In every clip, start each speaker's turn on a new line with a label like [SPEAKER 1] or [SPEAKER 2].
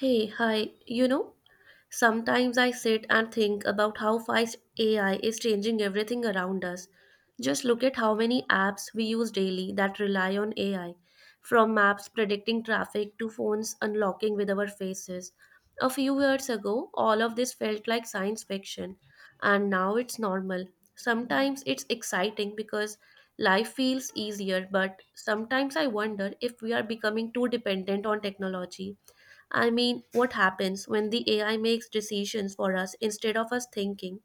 [SPEAKER 1] Hey, hi. You know, sometimes I sit and think about how fast AI is changing everything around us. Just look at how many apps we use daily that rely on AI, from maps predicting traffic to phones unlocking with our faces. A few years ago, all of this felt like science fiction, and now it's normal. Sometimes it's exciting because life feels easier, but sometimes I wonder if we are becoming too dependent on technology. I mean, what happens when the AI makes decisions for us instead of us thinking?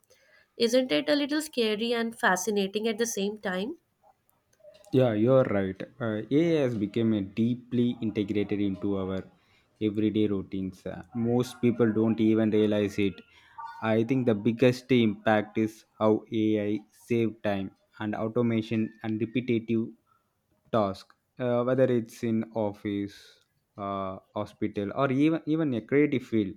[SPEAKER 1] Isn't it a little scary and fascinating at the same time?
[SPEAKER 2] Yeah, you're right. AI has become a deeply integrated into our everyday routines. Most people don't even realize it. I think the biggest impact is how AI save time and automation and repetitive task, whether it's in office, hospital, or even a creative field.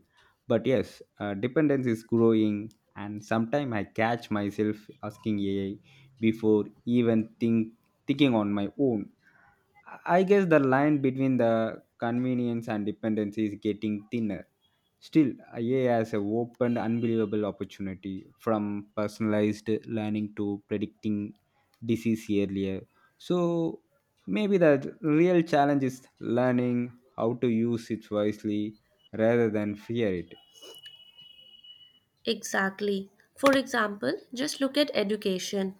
[SPEAKER 2] But yes, dependence is growing, and sometimes I catch myself asking ai before even think thinking on my own. I guess the line between the convenience and dependency is getting thinner. Still, ai has opened unbelievable opportunity, from personalized learning to predicting disease earlier. So maybe the real challenge is learning how to use it wisely rather than fear it.
[SPEAKER 1] Exactly. For example, just look at education.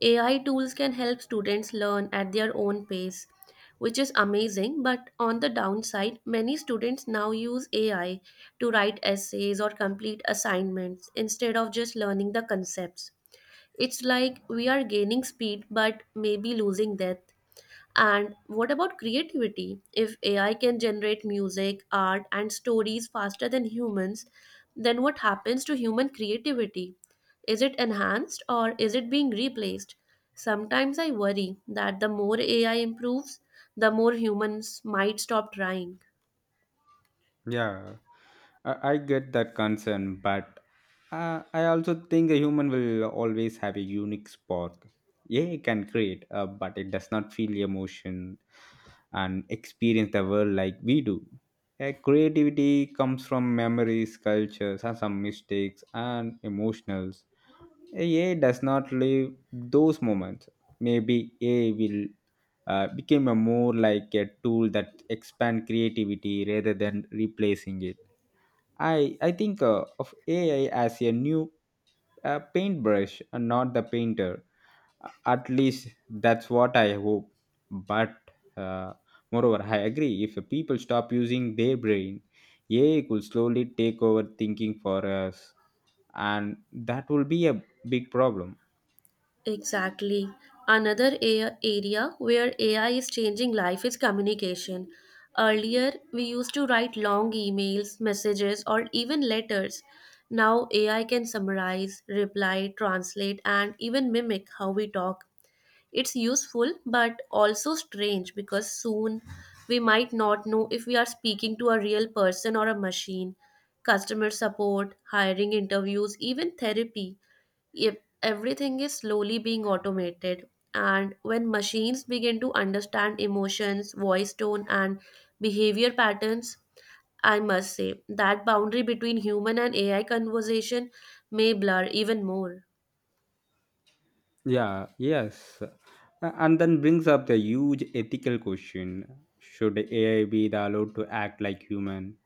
[SPEAKER 1] AI tools can help students learn at their own pace, which is amazing, but on the downside, many students now use AI to write essays or complete assignments instead of just learning the concepts. It's like we are gaining speed but maybe losing depth. And what about creativity? If AI can generate music, art, and stories faster than humans, then what happens to human creativity? Is it enhanced or is it being replaced? Sometimes I worry that the more AI improves, the more humans might stop trying.
[SPEAKER 2] Yeah, I get that concern, but I also think a human will always have a unique spark. Yeah, it can create, but it does not feel emotion and experience the world like we do. Creativity comes from memories, cultures, and some mistakes and emotionals. A does not live those moments. Maybe A will become a more like a tool that expand creativity rather than replacing it. I think of AI as a new paintbrush and not the painter. At least that's what I hope. But uh, moreover, I agree. If people stop using their brain, AI could slowly take over thinking for us, and that will be a big problem.
[SPEAKER 1] Exactly. Another area where AI is changing life is communication. Earlier, we used to write long emails, messages, or even letters. Now, AI can summarize, reply, translate, and even mimic how we talk. It's useful but also strange because soon we might not know if we are speaking to a real person or a machine. Customer support, hiring interviews, even therapy, if everything is slowly being automated, and when machines begin to understand emotions, voice tone, and behavior patterns, I must say that boundary between human and AI conversation may blur even more.
[SPEAKER 2] Yeah, yes. And then brings up the huge ethical question, should AI be the allowed to act like human?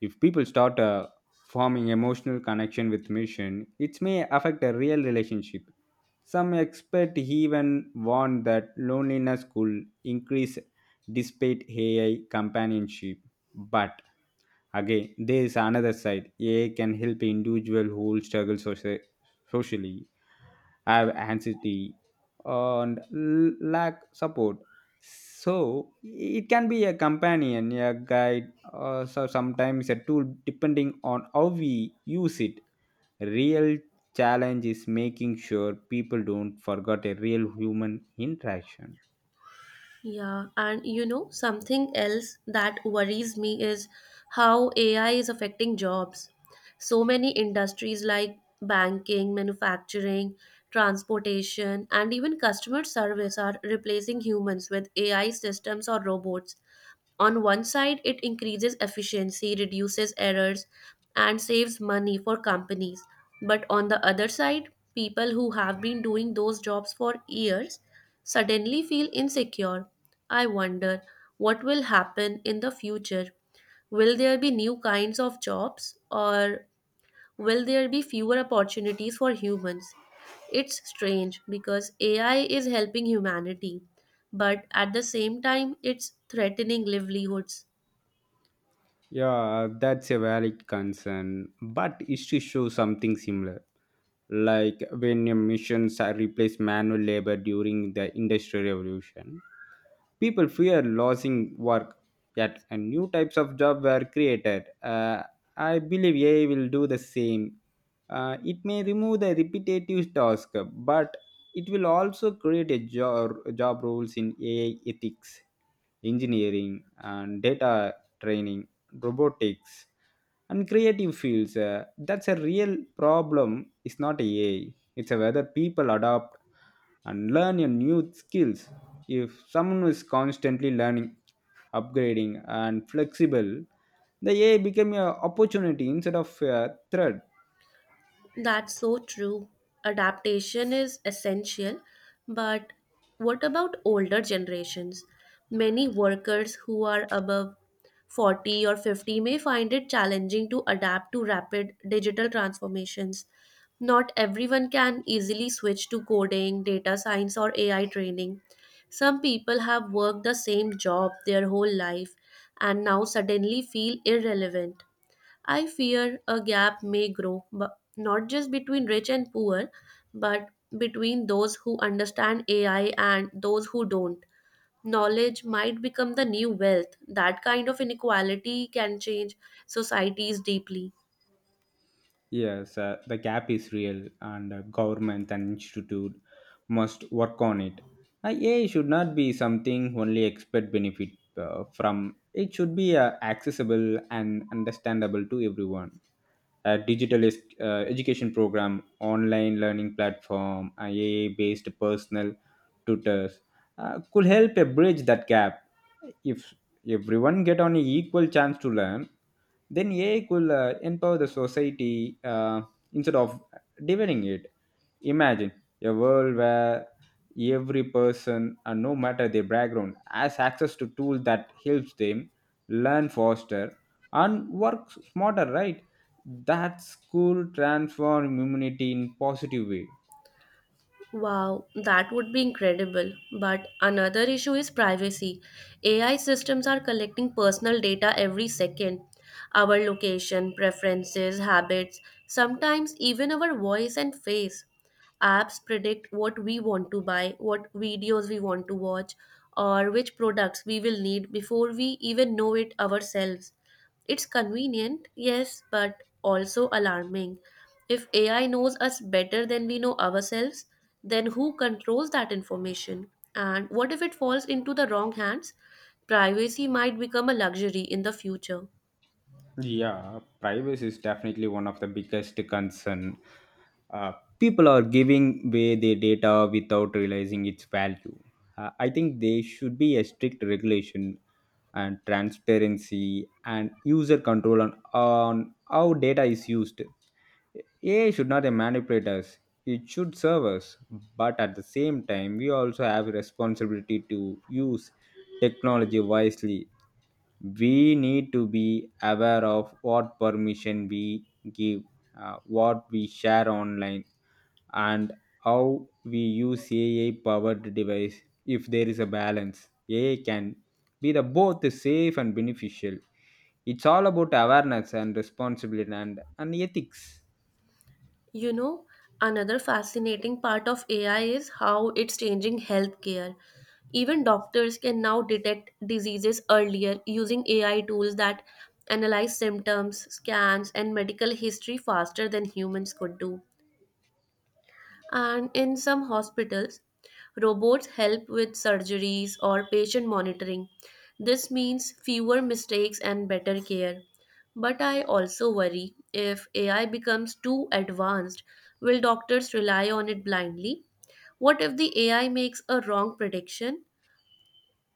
[SPEAKER 2] If people start forming emotional connection with machine, it may affect a real relationship. Some expert even warn that loneliness could increase despite AI companionship. But again, there is another side. AI can help individual who struggle socially, have anxiety, and lack support. So it can be a companion, a guide, or so sometimes a tool, depending on how we use it. Real challenge is making sure people don't forget a real human interaction.
[SPEAKER 1] Yeah, and you know, something else that worries me is how AI is affecting jobs. So many industries like banking, manufacturing, transportation, and even customer service are replacing humans with AI systems or robots. On one side, it increases efficiency, reduces errors, and saves money for companies. But on the other side, people who have been doing those jobs for years suddenly feel insecure. I wonder what will happen in the future. Will there be new kinds of jobs, or will there be fewer opportunities for humans? It's strange because AI is helping humanity, but at the same time, it's threatening livelihoods.
[SPEAKER 2] Yeah, that's a valid concern, but history shows something similar. Like when your missions are replaced manual labor during the Industrial Revolution, people fear losing work. Yet, and new types of job were created. I believe AI will do the same. It may remove the repetitive task, but it will also create a job, roles in AI ethics, engineering, and data training, robotics, and creative fields. That's a real problem. It's not ai, it's a whether people adopt and learn your new skills. If someone is constantly learning, upgrading, and flexible, the ai become an opportunity instead of a threat.
[SPEAKER 1] That's so true. Adaptation is essential, but what about older generations? Many workers who are above 40 or 50 may find it challenging to adapt to rapid digital transformations. Not everyone can easily switch to coding, data science, or AI training. Some people have worked the same job their whole life and now suddenly feel irrelevant. I fear a gap may grow, but not just between rich and poor, but between those who understand AI and those who don't. Knowledge might become the new wealth. That kind of inequality can change societies deeply.
[SPEAKER 2] Yes, the gap is real, and government and institute must work on it. AI should not be something only expert benefit from. It should be accessible and understandable to everyone. A digital education program, online learning platform, IA based personal tutors could help a bridge that gap. If everyone get on an equal chance to learn, then AI could empower the society, instead of dividing it. Imagine a world where every person, no matter their background, has access to tools that helps them learn faster and work smarter, right? That school transformed immunity in positive way.
[SPEAKER 1] Wow, that would be incredible. But another issue is privacy. AI systems are collecting personal data every second, our location, preferences, habits, sometimes even our voice and face. Apps predict what we want to buy, what videos we want to watch, or which products we will need before we even know it ourselves. It's convenient, yes, but also alarming. If AI knows us better than we know ourselves, then who controls that information? And what if it falls into the wrong hands? Privacy might become a luxury in the future.
[SPEAKER 2] Yeah, privacy is definitely one of the biggest concern. Uh, People are giving away their data without realizing its value. I think there should be a strict regulation and transparency and user control on how data is used. AI should not manipulate us. It should serve us, but at the same time, we also have a responsibility to use technology wisely. We need to be aware of what permission we give, what we share online, and how we use AI powered device. If there is a balance, AI can be the both safe and beneficial. It's all about awareness and responsibility and ethics.
[SPEAKER 1] You know, another fascinating part of AI is how it's changing healthcare. Even doctors can now detect diseases earlier using AI tools that analyze symptoms, scans, and medical history faster than humans could do. And in some hospitals, robots help with surgeries or patient monitoring. This means fewer mistakes and better care. But I also worry, if AI becomes too advanced, will doctors rely on it blindly? What if the AI makes a wrong prediction?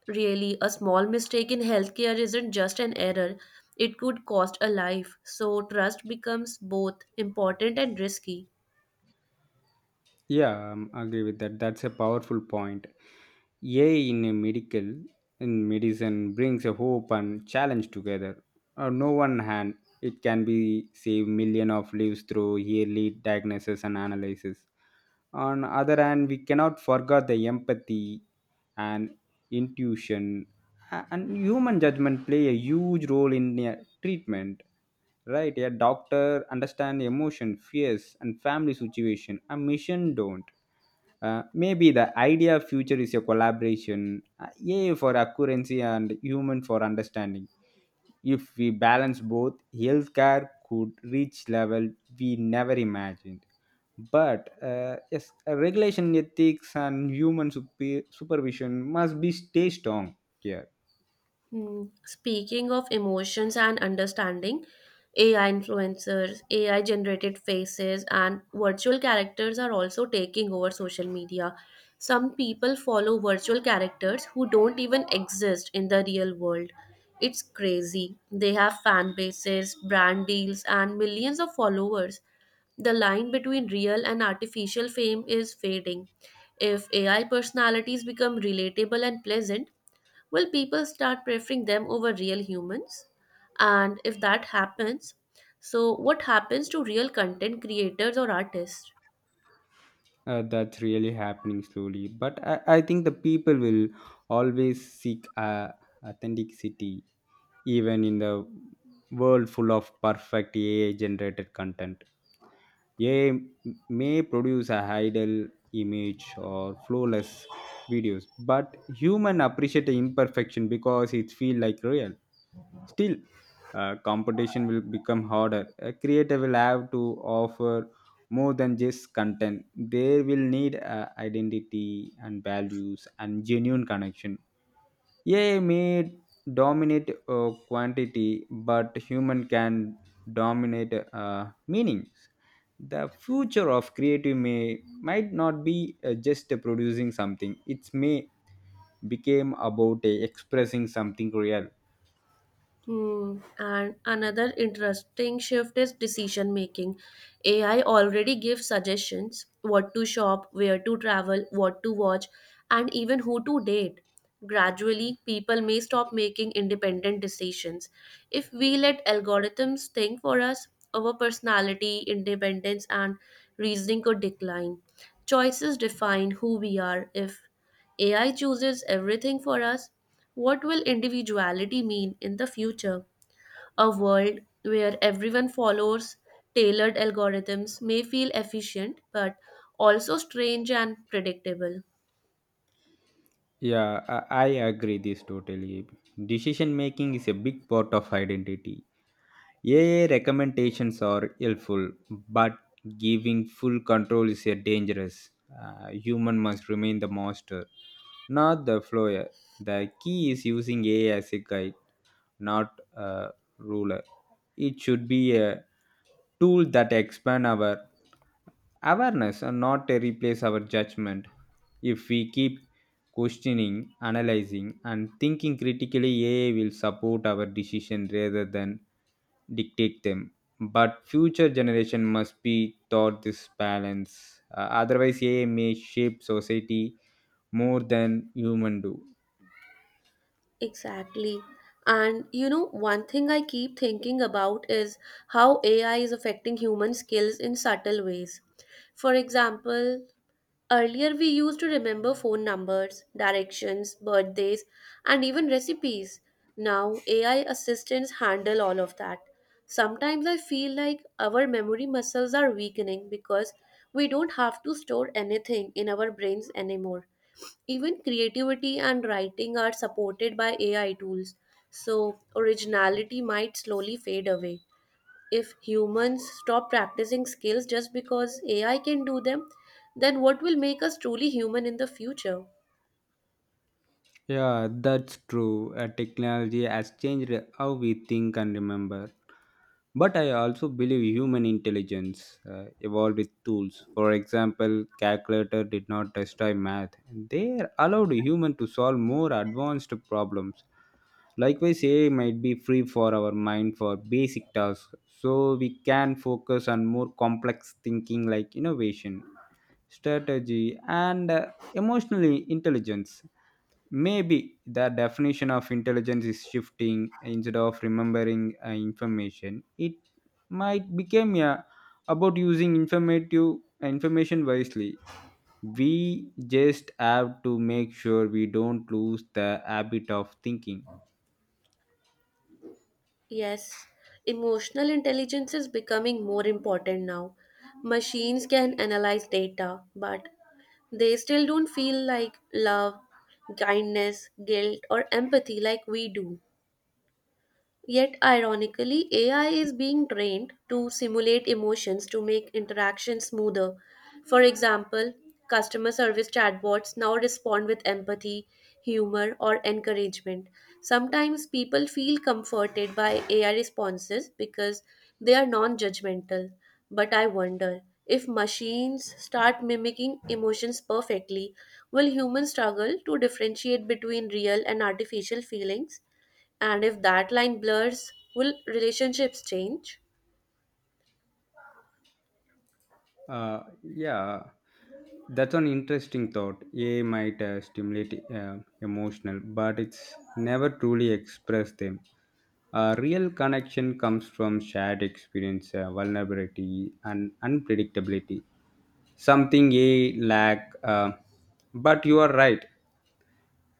[SPEAKER 1] Really, a small mistake in healthcare isn't just an error, it could cost a life. So, trust becomes both important and risky.
[SPEAKER 2] Yeah, I agree with that. That's a powerful point. AI in a medical In medicine, brings a hope and challenge together. On no one hand, it can be save million of lives through yearly diagnosis and analysis. On other hand, we cannot forget the empathy and intuition and human judgment play a huge role in a treatment. Right, a doctor understand emotion, fears, and family situation. A mission don't. Maybe the idea of future is a collaboration, AI for accuracy and human for understanding. If we balance both, healthcare could reach level we never imagined. But yes, regulation, ethics, and human supervision must be stay strong here.
[SPEAKER 1] Hmm. Speaking of emotions and understanding, AI influencers, AI generated faces, and virtual characters are also taking over social media. Some people follow virtual characters who don't even exist in the real world. It's crazy. They have fan bases, brand deals, and millions of followers. The line between real and artificial fame is fading. If AI personalities become relatable and pleasant, will people start preferring them over real humans? And if that happens, so what happens to real content creators or artists?
[SPEAKER 2] That's really happening slowly, but I think the people will always seek authenticity even in the world full of perfect AI generated content. AI may produce a ideal image or flawless videos, but human appreciate the imperfection because it feel like real. Still, competition will become harder. A creator will have to offer more than just content. They will need identity and values and genuine connection. AI may dominate quantity, but human can dominate meanings. The future of creative may might not be just producing something. It may became about expressing something real.
[SPEAKER 1] Hmm. And another interesting shift is decision making. AI already gives suggestions, what to shop, where to travel, what to watch, and even who to date. Gradually, people may stop making independent decisions. If we let algorithms think for us, our personality, independence, and reasoning could decline. Choices define who we are. If AI chooses everything for us, what will individuality mean in the future? A world where everyone follows tailored algorithms may feel efficient but also strange and predictable.
[SPEAKER 2] Yeah, I agree this totally. Decision making is a big part of identity. AI recommendations are helpful, but giving full control is a dangerous. Human must remain the master, not the follower. The key is using AI as a guide, not a ruler. It should be a tool that expand our awareness and not to replace our judgment. If we keep questioning, analyzing, and thinking critically, AI will support our decision rather than dictate them. But future generation must be taught this balance. Otherwise, ai may shape society more than human do.
[SPEAKER 1] Exactly. And you know, one thing I keep thinking about is how AI is affecting human skills in subtle ways. For example, earlier, we used to remember phone numbers, directions, birthdays, and even recipes. Now, AI assistants handle all of that. Sometimes I feel like our memory muscles are weakening because we don't have to store anything in our brains anymore. Even creativity and writing are supported by AI tools, so originality might slowly fade away. If humans stop practicing skills just because AI can do them, then what will make us truly human in the future?
[SPEAKER 2] Yeah, that's true. Technology has changed how we think and remember. But I also believe human intelligence evolved with tools. For example, calculator did not destroy math. They allowed human to solve more advanced problems. Likewise, AI might be free for our mind for basic tasks, so we can focus on more complex thinking like innovation, strategy, and emotional intelligence. Maybe the definition of intelligence is shifting. Instead of remembering information, it might become about using informative information wisely. We just have to make sure we don't lose the habit of thinking.
[SPEAKER 1] Yes, emotional intelligence is becoming more important now. Machines can analyze data, but they still don't feel like love, kindness, guilt, or empathy like we do. Yet, ironically, AI is being trained to simulate emotions to make interactions smoother. For example, customer service chatbots now respond with empathy, humor, or encouragement. Sometimes people feel comforted by AI responses because they are non judgmental. But I wonder, if machines start mimicking emotions perfectly, will humans struggle to differentiate between real and artificial feelings? And if that line blurs, will relationships change?
[SPEAKER 2] Uh, yeah, that's an interesting thought. AI might stimulate emotional, but it's never truly express them. A real connection comes from shared experience, vulnerability, and unpredictability. Something a I lack. But you are right.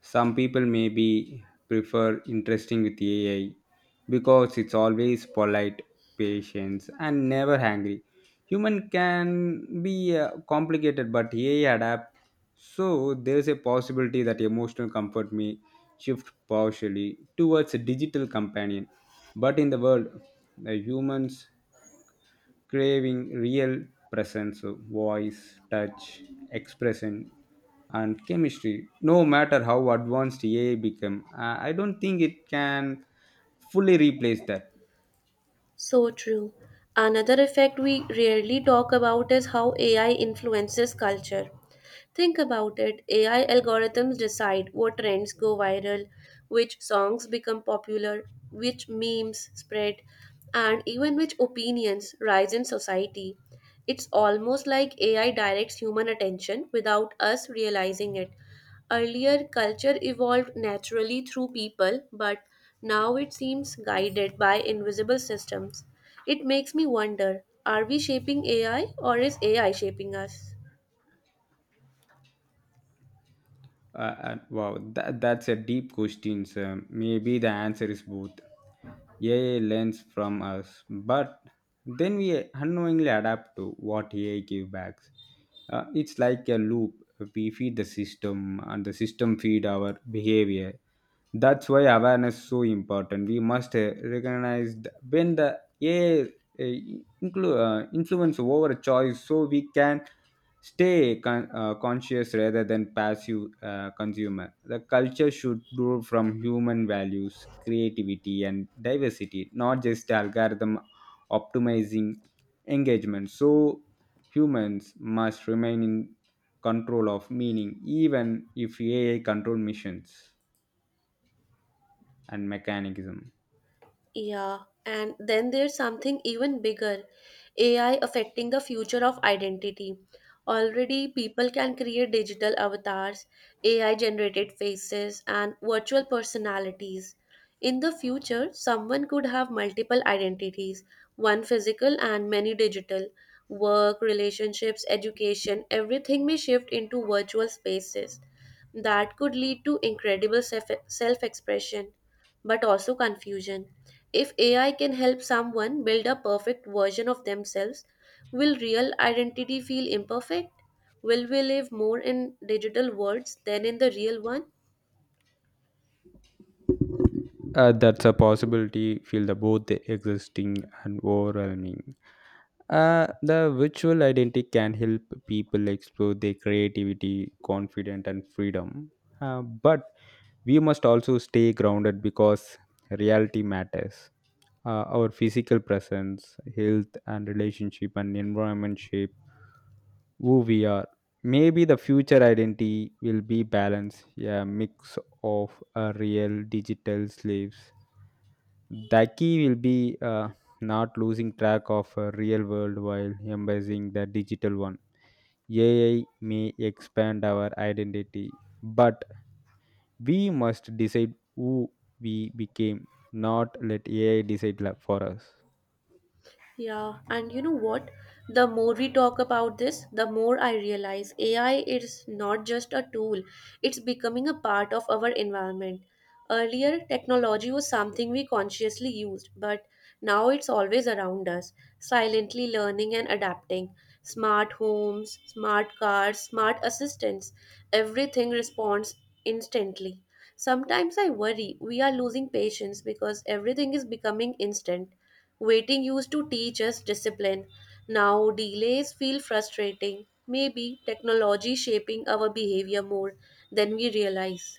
[SPEAKER 2] Some people maybe prefer interesting with AI because it's always polite, patient, and never hungry. Human can be complicated, but AI adapt. So there's a possibility that emotional comfort may shift partially towards a digital companion. But in the world, the humans craving real presence, voice, touch, expression, and chemistry. No matter how advanced AI become, I don't think it can fully replace that.
[SPEAKER 1] So true. Another effect we rarely talk about is how AI influences culture. Think about it, AI algorithms decide what trends go viral, which songs become popular, which memes spread, and even which opinions rise in society. It's almost like AI directs human attention without us realizing it. Earlier, culture evolved naturally through people, but now it seems guided by invisible systems. It makes me wonder, are we shaping AI or is AI shaping us?
[SPEAKER 2] Uh, wow, that's a deep question, sir. Maybe the answer is both. AI learns from us, but then we unknowingly adapt to what AI gives back. It's like a loop. We feed the system, and the system feed our behavior. That's why awareness is so important. We must recognize when the AI influence over a choice, so we can stay conscious rather than passive consumer. The culture should grow from human values, creativity, and diversity, not just algorithm optimizing engagement. So humans must remain in control of meaning, even if AI control missions and mechanism.
[SPEAKER 1] Yeah, and then there's something even bigger, AI affecting the future of identity. Already, people can create digital avatars, AI generated faces, and virtual personalities. In the future, someone could have multiple identities, one physical and many digital. Work, relationships, education, everything may shift into virtual spaces. That could lead to incredible self expression but also confusion. If AI can help someone build a perfect version of themselves, will real identity feel imperfect? Will we live more in digital worlds than in the real one?
[SPEAKER 2] That's a possibility, feel the both existing and overwhelming. The virtual identity can help people explore their creativity, confidence, and freedom. But we must also stay grounded because reality matters. Our physical presence, health, and relationship and environment shape who we are. Maybe the future identity will be balanced, a mix of real digital slaves. The key will be not losing track of a real world while embracing the digital one. AI may expand our identity, but we must decide who we became, not let AI decide for us.
[SPEAKER 1] Yeah, and you know what? The more we talk about this, the more I realize AI is not just a tool, it's becoming a part of our environment. Earlier, technology was something we consciously used, but now it's always around us, silently learning and adapting. Smart homes, smart cars, smart assistants, everything responds instantly. Sometimes I worry we are losing patience because everything is becoming instant. Waiting used to teach us discipline. Now delays feel frustrating. Maybe technology shaping our behavior more than we realize.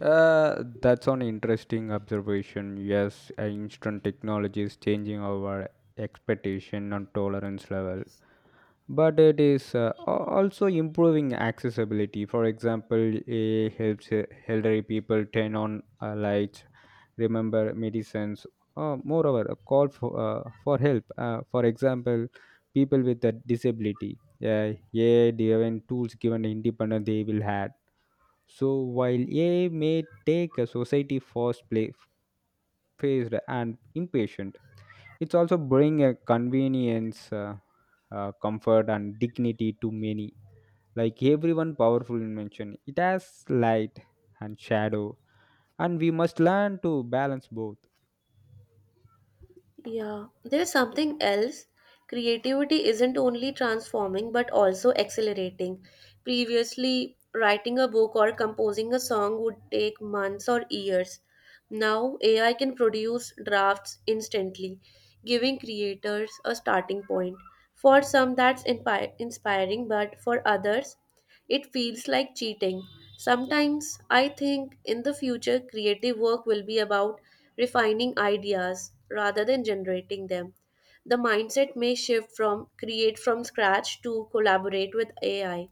[SPEAKER 2] That's an interesting observation. Yes, instant technology is changing our expectation and tolerance level, but it is also improving accessibility. For example, it helps elderly people turn on lights, remember medicines. Moreover, a call for help. For example, people with a disability. Yeah, yeah, given tools given independent they will have. So while AI may take a society fast play phased and impatient, it's also bring a convenience, comfort and dignity to many. Like everyone powerful invention, it has light and shadow, and we must learn to balance both.
[SPEAKER 1] Yeah, there's something else. Creativity isn't only transforming but also accelerating. Previously, writing a book or composing a song would take months or years. Now, AI can produce drafts instantly, giving creators a starting point. For some, that's inspiring, but for others, it feels like cheating. Sometimes I think in the future, creative work will be about refining ideas rather than generating them. The mindset may shift from create from scratch to collaborate with AI.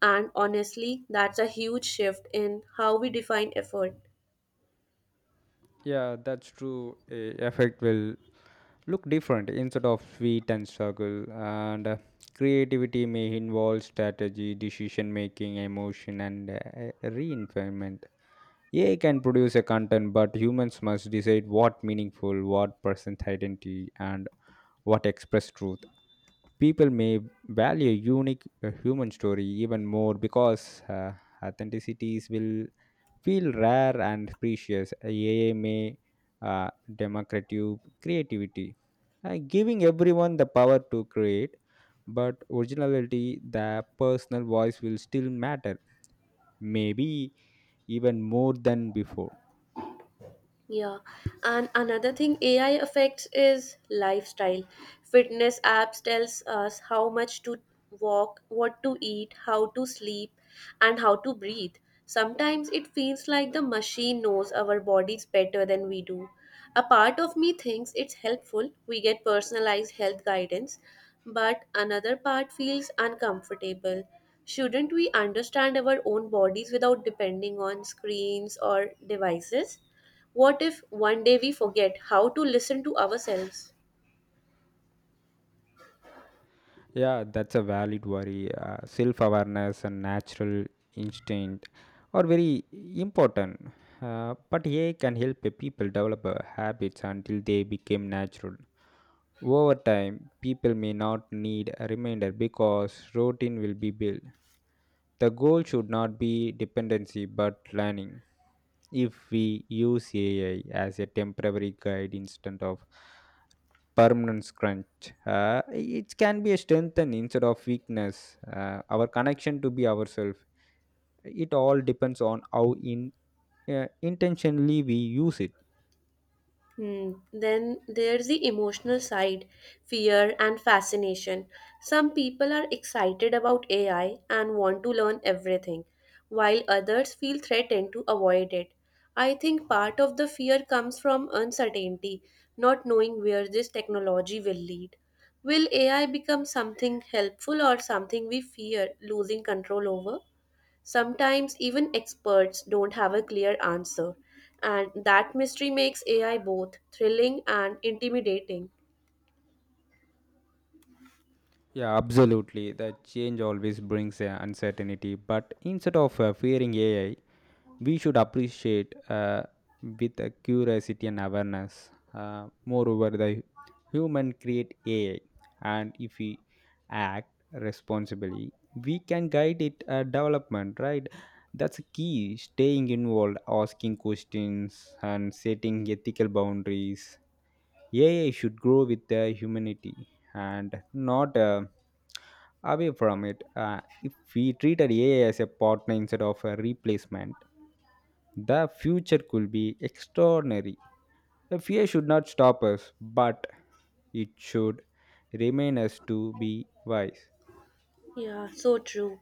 [SPEAKER 1] And honestly, that's a huge shift in how we define effort.
[SPEAKER 2] Yeah, that's true. A effect will look different instead of sweet and struggle. And creativity may involve strategy, decision making, emotion, and reinforcement. AI can produce a content, but humans must decide what meaningful, what present identity, and what express truth. People may value unique human story even more because authenticity will feel rare and precious. AI may uh, democratic creativity, giving everyone the power to create, but originality, the personal voice will still matter, maybe even more than before.
[SPEAKER 1] Yeah, and another thing AI affects is lifestyle. Fitness apps tells us how much to walk, what to eat, how to sleep, and how to breathe. Sometimes it feels like the machine knows our bodies better than we do. A part of me thinks it's helpful, we get personalized health guidance, but another part feels uncomfortable. Shouldn't we understand our own bodies without depending on screens or devices? What if one day we forget how to listen to ourselves?
[SPEAKER 2] Yeah, that's a valid worry. Self awareness and natural instinct are very important. But AI can help a people develop habits until they become natural. Over time, people may not need a reminder because routine will be built. The goal should not be dependency but learning. If we use AI as a temporary guide instead of permanent crunch, it can be a strength and instead of weakness. Our connection to be ourselves. It all depends on how in intentionally we use it.
[SPEAKER 1] Hmm. Then there's the emotional side, fear and fascination. Some people are excited about AI and want to learn everything, while others feel threatened to avoid it. I think part of the fear comes from uncertainty, not knowing where this technology will lead. Will AI become something helpful or something we fear losing control over? Sometimes even experts don't have a clear answer, and that mystery makes AI both thrilling and intimidating.
[SPEAKER 2] Yeah, absolutely. The change always brings uncertainty, but instead of fearing AI, we should appreciate with a curiosity and awareness. Moreover, the human create AI, and if we act responsibly, we can guide it development. Right, that's key. Staying involved, asking questions, and setting ethical boundaries. AI should grow with the humanity and not. Away from it. If we treated AI as a partner instead of a replacement, the future could be extraordinary. The fear should not stop us, but it should remain us to be wise.
[SPEAKER 1] Yeah, so true.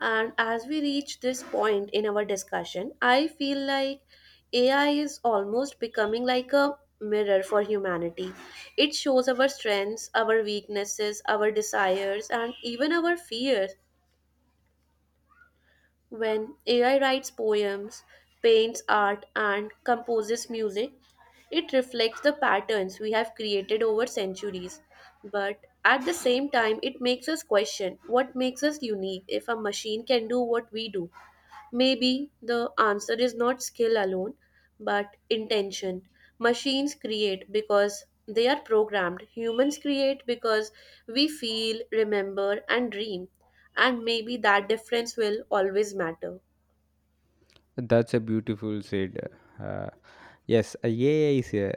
[SPEAKER 1] And as we reach this point in our discussion, I feel like AI is almost becoming like a mirror for humanity. It shows our strengths, our weaknesses, our desires, and even our fears. When AI writes poems, paints art, and composes music, it reflects the patterns we have created over centuries. But at the same time, it makes us question what makes us unique if a machine can do what we do. Maybe the answer is not skill alone, but intention. Machines create because they are programmed, humans create because we feel, remember, and dream. And maybe that difference will always matter.
[SPEAKER 2] That's a beautiful said. Uh, yes, a AI is a,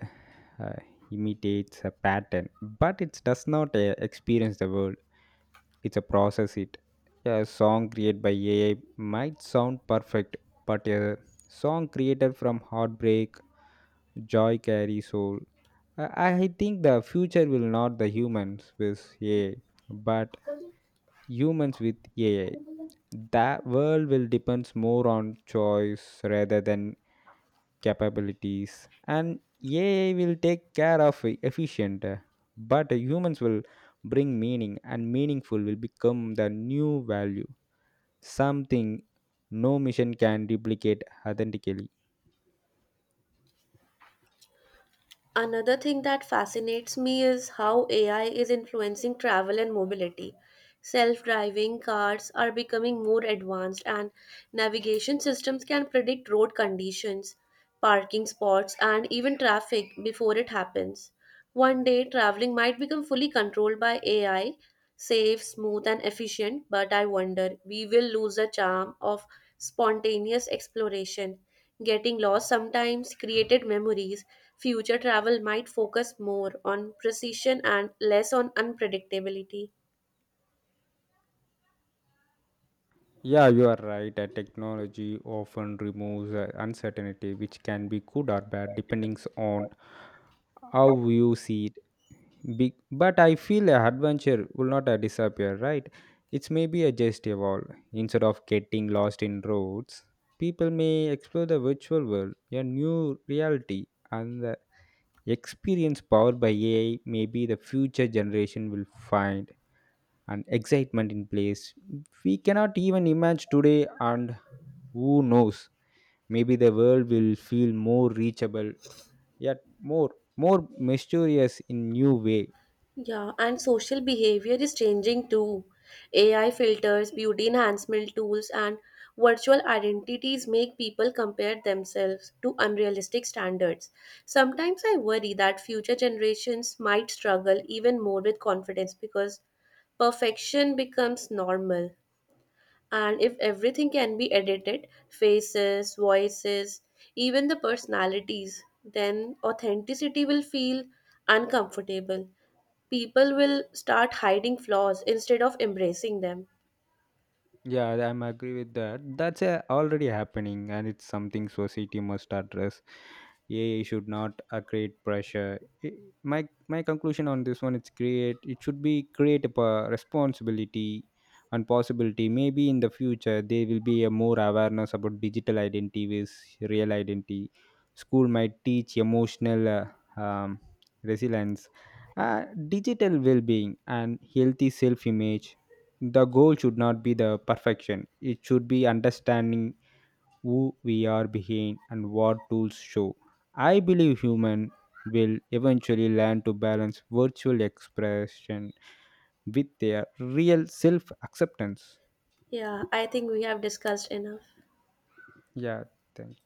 [SPEAKER 2] uh, imitates a pattern, but it does not experience the world. It's a process it a song created by ai might sound perfect, but a song created from heartbreak joy carry soul. I think the future will not the humans with ai but humans with ai. The world will depends more on choice rather than capabilities, and ai will take care of efficient, but humans will bring meaning and meaningful will become the new value, something no mission can duplicate authentically.
[SPEAKER 1] Another thing that fascinates me is how AI is influencing travel and mobility. Self driving cars are becoming more advanced, and navigation systems can predict road conditions, parking spots, and even traffic before it happens. One day, traveling might become fully controlled by AI, safe, smooth, and efficient, but I wonder we will lose the charm of spontaneous exploration. Getting lost sometimes created memories. Future travel might focus more on precision and less on unpredictability.
[SPEAKER 2] Yeah, you are right. Technology often removes uncertainty, which can be good or bad depending on how you see it. But I feel adventure will not disappear, right? It's maybe a just evolve. Instead of getting lost in roads, people may explore the virtual world, a new reality, and the experience powered by AI. Maybe the future generation will find and excitement in place we cannot even imagine today, and who knows, maybe the world will feel more reachable yet more more mysterious in new way.
[SPEAKER 1] Yeah, and social behavior is changing too. AI filters, beauty enhancement tools, and virtual identities make people compare themselves to unrealistic standards. Sometimes I worry that future generations might struggle even more with confidence because perfection becomes normal. And if everything can be edited, faces, voices, even the personalities, then authenticity will feel uncomfortable, people will start hiding flaws instead of embracing them.
[SPEAKER 2] Yeah, I'm agree with that. That's already happening, and it's something society must address. AI should not create pressure. I my conclusion on this one, it's create. It should be create a responsibility and possibility. Maybe in the future there will be a more awareness about digital identity with real identity. School might teach emotional resilience, digital well-being, and healthy self-image. The goal should not be the perfection, it should be understanding who we are behind and what tools show. I believe human will eventually learn to balance virtual expression with their real self acceptance.
[SPEAKER 1] Yeah, I think we have discussed enough.
[SPEAKER 2] Yeah, thank